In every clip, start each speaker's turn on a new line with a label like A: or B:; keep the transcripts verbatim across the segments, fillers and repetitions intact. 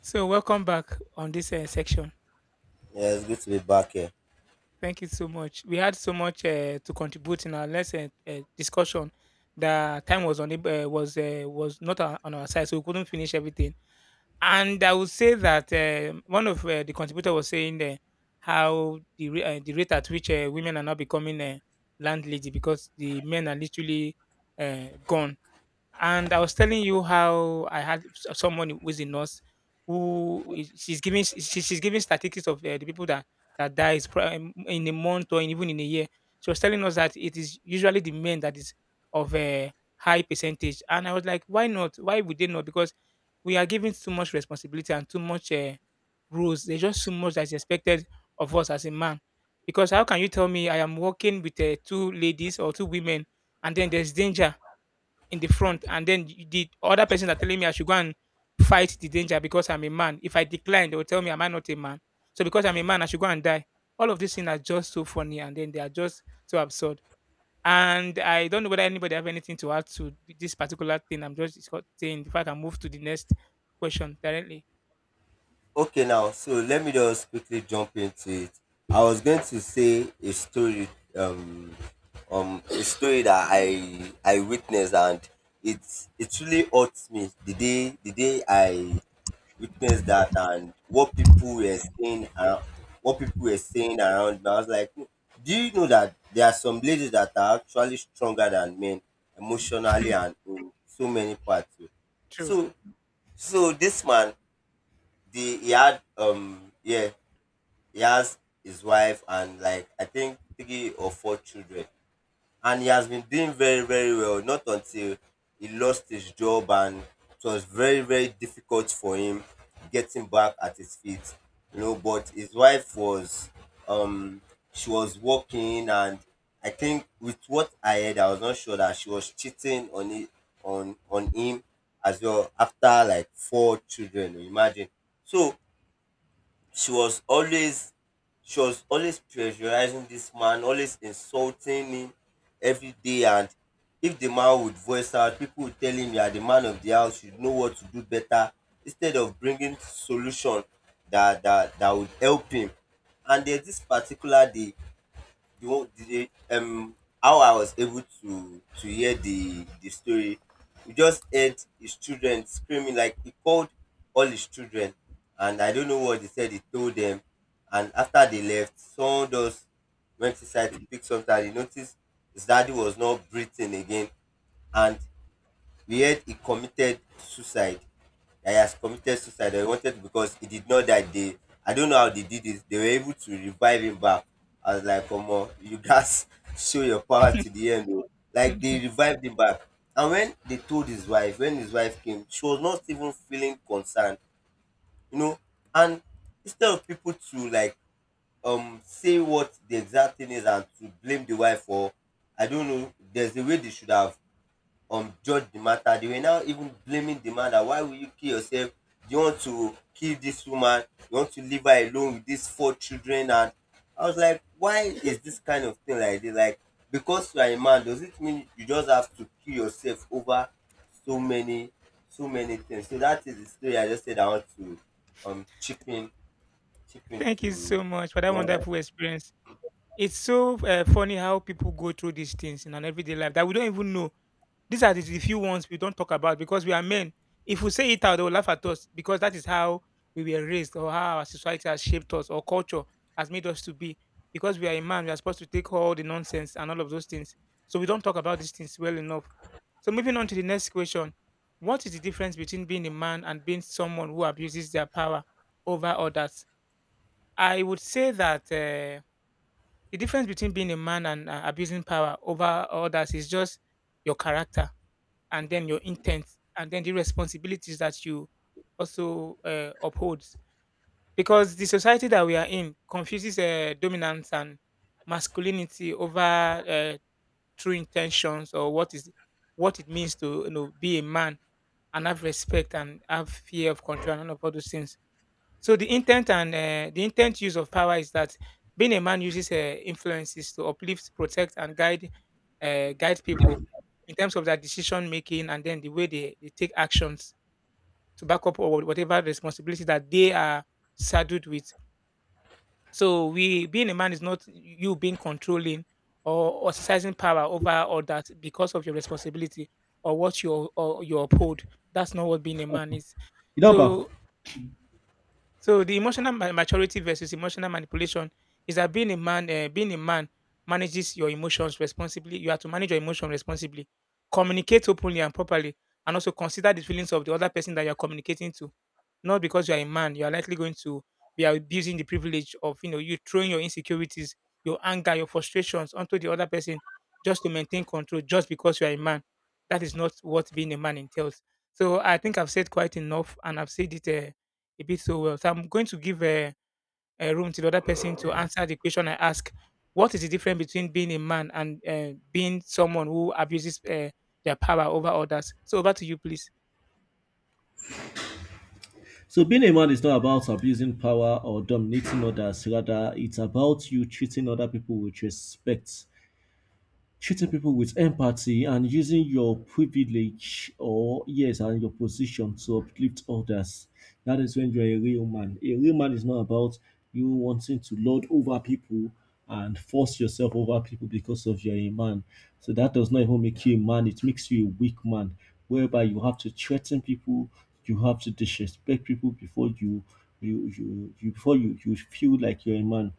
A: So, welcome back on this uh, section.
B: Yeah, it's good to be back here.
A: Thank you so much. We had so much uh, to contribute in our last uh, uh, discussion. The time was on uh, was uh, was not on on our side, so we couldn't finish everything. And I would say that um one of uh, the contributor was saying uh, how the ra- uh, the rate at which uh, women are now becoming uh, landlady because the men are literally uh, gone. And I was telling you how I had s- someone who is a nurse who is, she's giving s- she, she's giving statistics of uh, the people that that dies pri- um, in a month or even in a year. She was telling us that it is usually the men that is of a high percentage, and I was like, why not? Why would they not? Because we are given too much responsibility and too much uh, rules. There's just too much that is expected of us as a man. Because how can you tell me I am working with uh, two ladies or two women, and then there's danger in the front, and then y- the other person are telling me I should go and fight the danger because I'm a man? If I decline, they will tell me, am I not a man? So because I'm a man, I should go and die. All of these things are just so funny and then they are just so absurd. And I don't know whether anybody have anything to add to th- this particular thing. I'm just discuss- saying if I can move to the next question directly.
B: Okay, now, so let me just quickly jump into it. I was going to say a story, um, um, a story that I I witnessed, and it it really hurt me the day the day I witnessed that, and what people were saying, around, what people were saying around me. I was like, "Hmm, do you know that there are some ladies that are actually stronger than men emotionally and in so many parts?"
A: True.
B: So so this man, the he had um yeah he has his wife and like I think three or four children, and he has been doing very, very well. Not until he lost his job, and it was very, very difficult for him getting back at his feet, you know. But his wife was, um she was working, and I think with what I heard, I was not sure that she was cheating on it on on him as well after like four children. You imagine. So she was always she was always pressurizing this man, always insulting him every day. And if the man would voice out, people would tell him, "You are the man of the house. You know what to do better." Instead of bringing solution that that that would help him. And there's this particular day, the one the um how I was able to to hear the the story, we just heard his children screaming, like he called all his children, and I don't know what he said he told them. And after they left, someone just went inside to pick something, and he noticed his daddy was not breathing again. And we heard he committed suicide, that he has committed suicide, that wanted because he did not that day. I don't know how they did it. They were able to revive him back. I was like, "Come on, you gats show your power to the end o." Like they revived him back, and when they told his wife, when his wife came, she was not even feeling concerned, you know. And instead of people to like um say what the exact thing is and to blame the wife for, I don't know, there's a way they should have um judge the matter. They were now even blaming the man that, "Why will you kill yourself? Do you want to kill this woman? You want to leave her alone with these four children?" And I was like, why is this kind of thing like this? Like, because you are a man, does it mean you just have to kill yourself over so many so many things? So that is the story. I just said I want to um chip in, chip in
A: Thank you so
B: to
A: much for that
B: one that-
A: wonderful experience. It's so uh, funny how people go through these things in an everyday life that we don't even know. These are the, the few ones we don't talk about because we are men. If we say it out, they will laugh at us because that is how we were raised, or how our society has shaped us or culture has made us to be. Because we are a man, we are supposed to take all the nonsense and all of those things. So we don't talk about these things well enough. So moving on to the next question. What is the difference between being a man and being someone who abuses their power over others? I would say that uh, the difference between being a man and uh, abusing power over others is just your character and then your intent and then the responsibilities that you also uh, uphold, because the society that we are in confuses uh, dominance and masculinity over uh, true intentions or what is what it means to, you know, be a man and have respect and have fear of control and all of all those things. So the intent and uh, the intent use of power is that being a man uses uh, influences to uplift, protect, and guide uh, guide people in terms of their decision making, and then the way they, they take actions to back up or whatever responsibility that they are saddled with. So we being a man is not you being controlling or exercising power over others because of your responsibility or what you or you uphold. That's not what being a man is.
C: You know, Baf.
A: So so the emotional ma- maturity versus emotional manipulation is that being a man, uh, being a man manages your emotions responsibly. You have to manage your emotion responsibly, communicate openly and properly, and also consider the feelings of the other person that you are communicating to. Not because you are a man, you are likely going to be abusing the privilege of, you know, you throwing your insecurities, your anger, your frustrations onto the other person just to maintain control, just because you are a man. That is not what being a man entails. So I think I've said quite enough, and I've said it Uh, a bit so well. So I'm going to give a, uh uh, room to the other person to answer the question I ask. What is the difference between being a man and uh, being someone who abuses uh, their power over others? So over to you, please.
C: So being a man is not about abusing power or dominating others. Rather, it's about you treating other people with respect. Treating people with empathy and using your privilege or yes and your position to uplift others, that is when you're a real man. A real man is not about you wanting to lord over people and force yourself over people because of you're a man. So that does not even make you a man, it makes you a weak man, whereby you have to threaten people, you have to disrespect people before you you you, you before you, you feel like you're a man.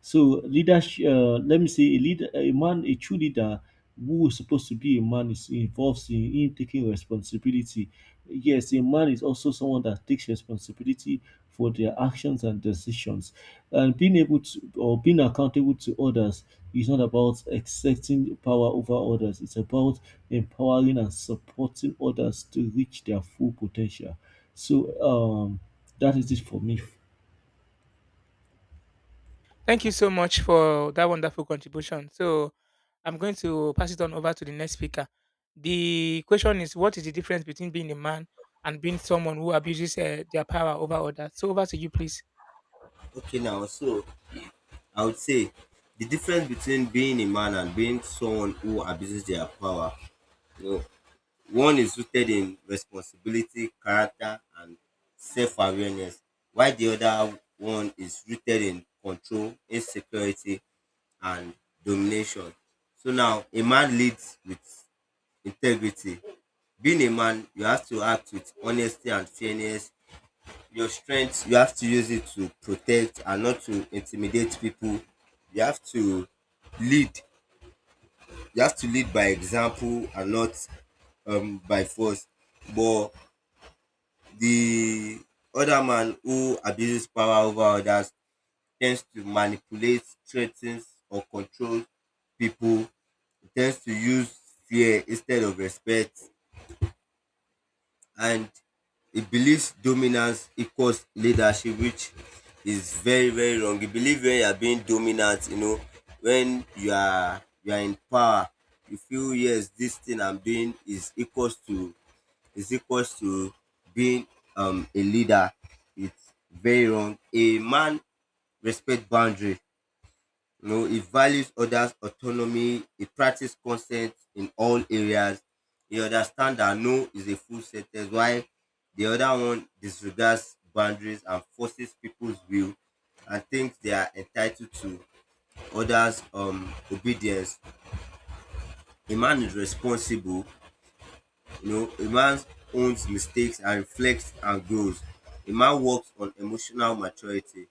C: So leadership, uh, let me say, a leader, a man, a true leader who is supposed to be a man is involves in him taking responsibility. Yes, a man is also someone that takes responsibility for their actions and decisions, and being able to or being accountable to others is not about accepting power over others. It's about empowering and supporting others to reach their full potential. So um, that is it for me.
A: Thank you so much for that wonderful contribution. So I'm going to pass it on over to the next speaker. The question is, what is the difference between being a man and being someone who abuses uh, their power over others? So over to you, please.
B: okay, now, so I would say the difference between being a man and being someone who abuses their power. No. One is rooted in responsibility, character, and self-awareness, while the other one is rooted in control, insecurity, and domination. So now, a man leads with integrity. Being a man, you have to act with honesty and fairness. Your strength, you have to use it to protect and not to intimidate people. You have to lead. You have to lead by example and not um, by force. But the other man who abuses power over others tends to manipulate, threatens or controls people. He tends to use fear instead of respect, and he believes dominance equals leadership, which is very, very wrong. He believes when you are being dominant, you know, when you are you are in power, you feel, yes, this thing I'm doing is equals to is equals to being um a leader. It's very wrong. A man respect boundary, you know. He values others autonomy. He practice consent in all areas. He understand that no is a full sentence, while the other one disregards boundaries and forces people's will, and thinks they are entitled to others um obedience. A man is responsible. You know, a man owns mistakes and reflects and grows. A man works on emotional maturity,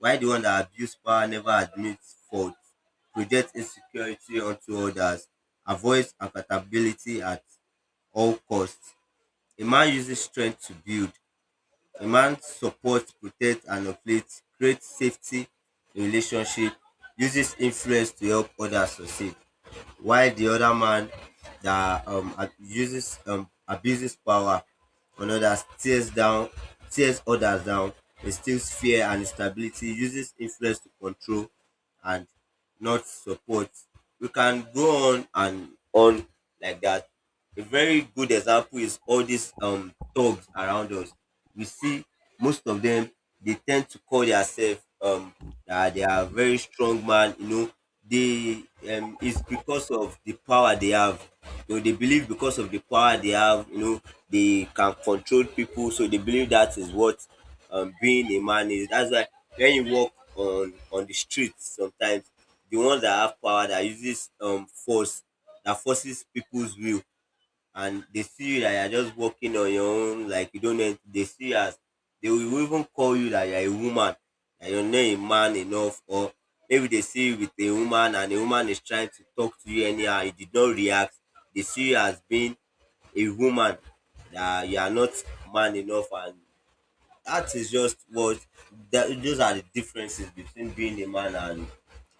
B: while the one that abuse power never admits fault, projects insecurity onto others, avoids accountability at all costs. A man uses strength to build. A man supports, protects, and uplifts, creates safety in relationship, uses influence to help others succeed, while the other man that um uses um abuses power on others tears down, tears others down instills fear and instability, uses influence to control and not support. We can go on and on like that. A very good example is all these um thugs around us. We see most of them, they tend to call themselves um that they are very strong man, you know. They um It's because of the power they have. You know, they believe because of the power they have, you know, they can control people, so they believe that is what um being a man is. That's why when you walk on on the streets sometimes, the ones that have power that uses um force, that forces people's will, and they see you that you're just walking on your own, like you don't know, they see you as, they will even call you that you're a woman, that you're not a man enough, or maybe they see you with a woman and the woman is trying to talk to you anyhow, you did not react, they see you as being a woman, that you are not man enough. And that is just what, that, those are the differences between being a man and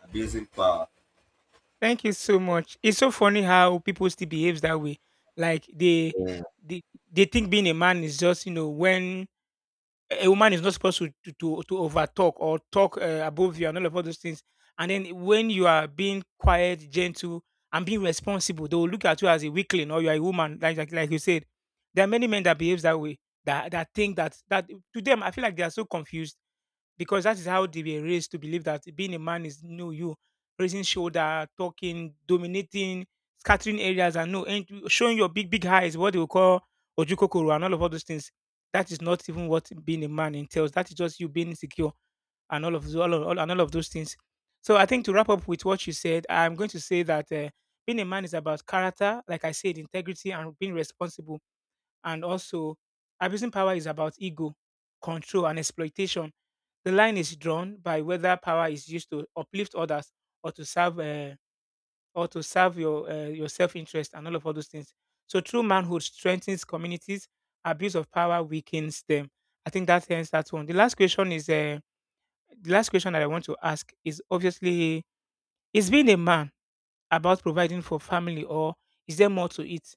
B: abusing power.
A: Thank you so much. It's so funny how people still behaves that way. Like they they they think being a man is just, you know, when a woman is not supposed to to to, to overtalk or talk uh, above you and all of all those things. And then when you are being quiet, gentle, and being responsible, they will look at you as a weakling or you are a woman, like like, like you said. There are many men that behaves that way, that that think that that to them, I feel like they are so confused because that is how they were raised to believe that being a man is, no, you raising shoulder, talking, dominating, scattering areas, and no and showing your big big eyes, what they will call ojukokoro and all of all those things. That is not even what being a man entails. That is just you being insecure and all of tho- all, of- all and all of those things. So I think to wrap up with what you said, I'm going to say that uh, being a man is about character, like I said, integrity and being responsible, and also abusing power is about ego, control, and exploitation. The line is drawn by whether power is used to uplift others or to serve uh, or to serve your uh, your self interest and all of all those things. So true manhood strengthens communities. Abuse of power weakens them. I think that ends that one. The last question is uh, the last question that I want to ask is, obviously, is being a man about providing for family, or is there more to it?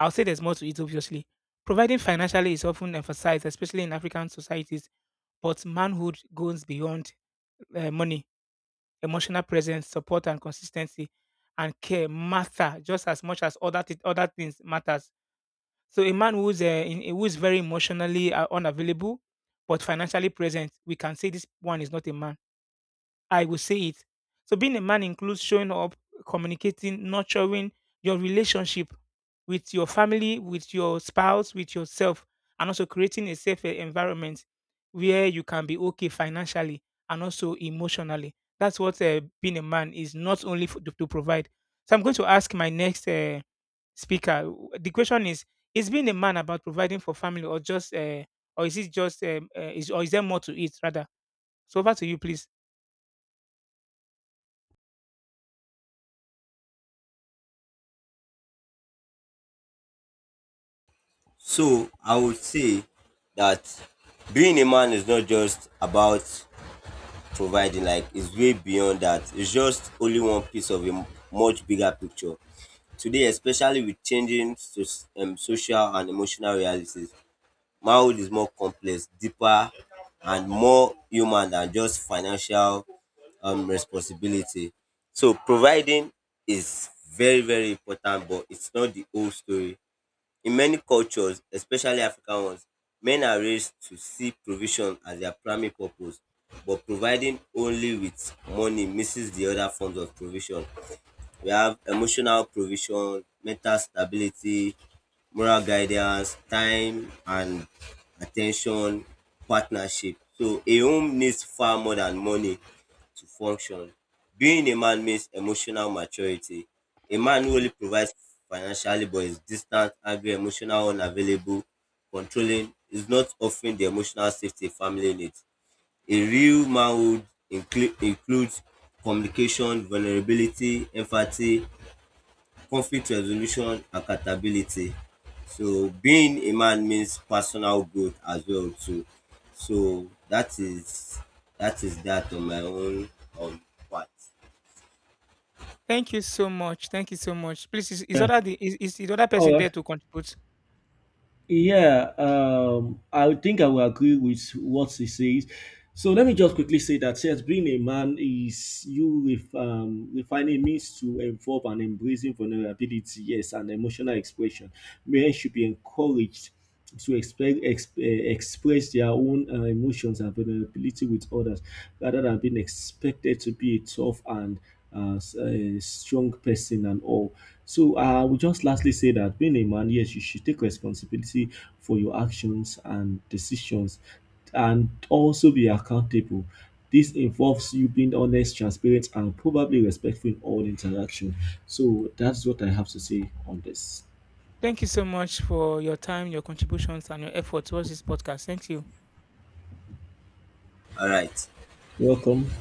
A: I'll say there's more to it. Obviously, providing financially is often emphasized, especially in African societies. But manhood goes beyond uh, money. Emotional presence, support and consistency and care matter just as much as other th- other things matters. So a man who's uh, in, who's very emotionally uh, unavailable but financially present, we can say this one is not a man. I will say it. So being a man includes showing up, communicating, nurturing your relationship with your family, with your spouse, with yourself, and also creating a safe eh, environment where you can be okay financially and also emotionally. That's what uh, being a man is, not only for, to, to provide. So I'm going to ask my next uh, speaker. w- The question is: is being a man about providing for family, or just, uh, or is it just, um, uh, is, or is there more to it rather? So over to you, please.
B: So I would say that being a man is not just about providing, like it's way beyond that. It's just only one piece of a much bigger picture. Today, especially with changing so- um, social and emotional realities, manhood is more complex, deeper, and more human than just financial um, responsibility. So providing is very, very important, but it's not the whole story. In many cultures, especially African ones, men are raised to see provision as their primary purpose, but providing only with money misses the other forms of provision. We have emotional provision, mental stability, moral guidance, time and at ten tion, partnership. So a home needs far more than money to function. Being a man means emotional maturity. A man who only provides financially but is distant, angry, emotional, unavailable, controlling, is not offering the emotional safety a family needs. A real manhood inclu- includes communication, vulnerability, empathy, conflict resolution, accountability. So being a man means personal growth as well too. So that is, that is that on my own um part.
A: Thank you so much. Thank you so much. Please, is, is
C: Yeah.
A: other the is, is the other
C: All
A: person
C: right.
A: there to contribute?
C: Yeah, um, I think I will agree with what he says. So let me just quickly say that yes, being a man is you ref, um, refining means to involve and embracing vulnerability, yes, and emotional expression. Men should be encouraged to expe- exp- eh, express their own uh, emotions and vulnerability with others, rather than being expected to be a tough and uh, s- eh, strong person and all. So uh, I would just lastly say that being a man, yes, you should take responsibility for your actions and decisions and also be accountable. This involves you being honest, transparent, and probably respectful in all interaction. So that's what I have to say on this.
A: Thank you so much for your time, your contributions, and your effort towards this podcast. Thank you.
B: All right.
C: Welcome.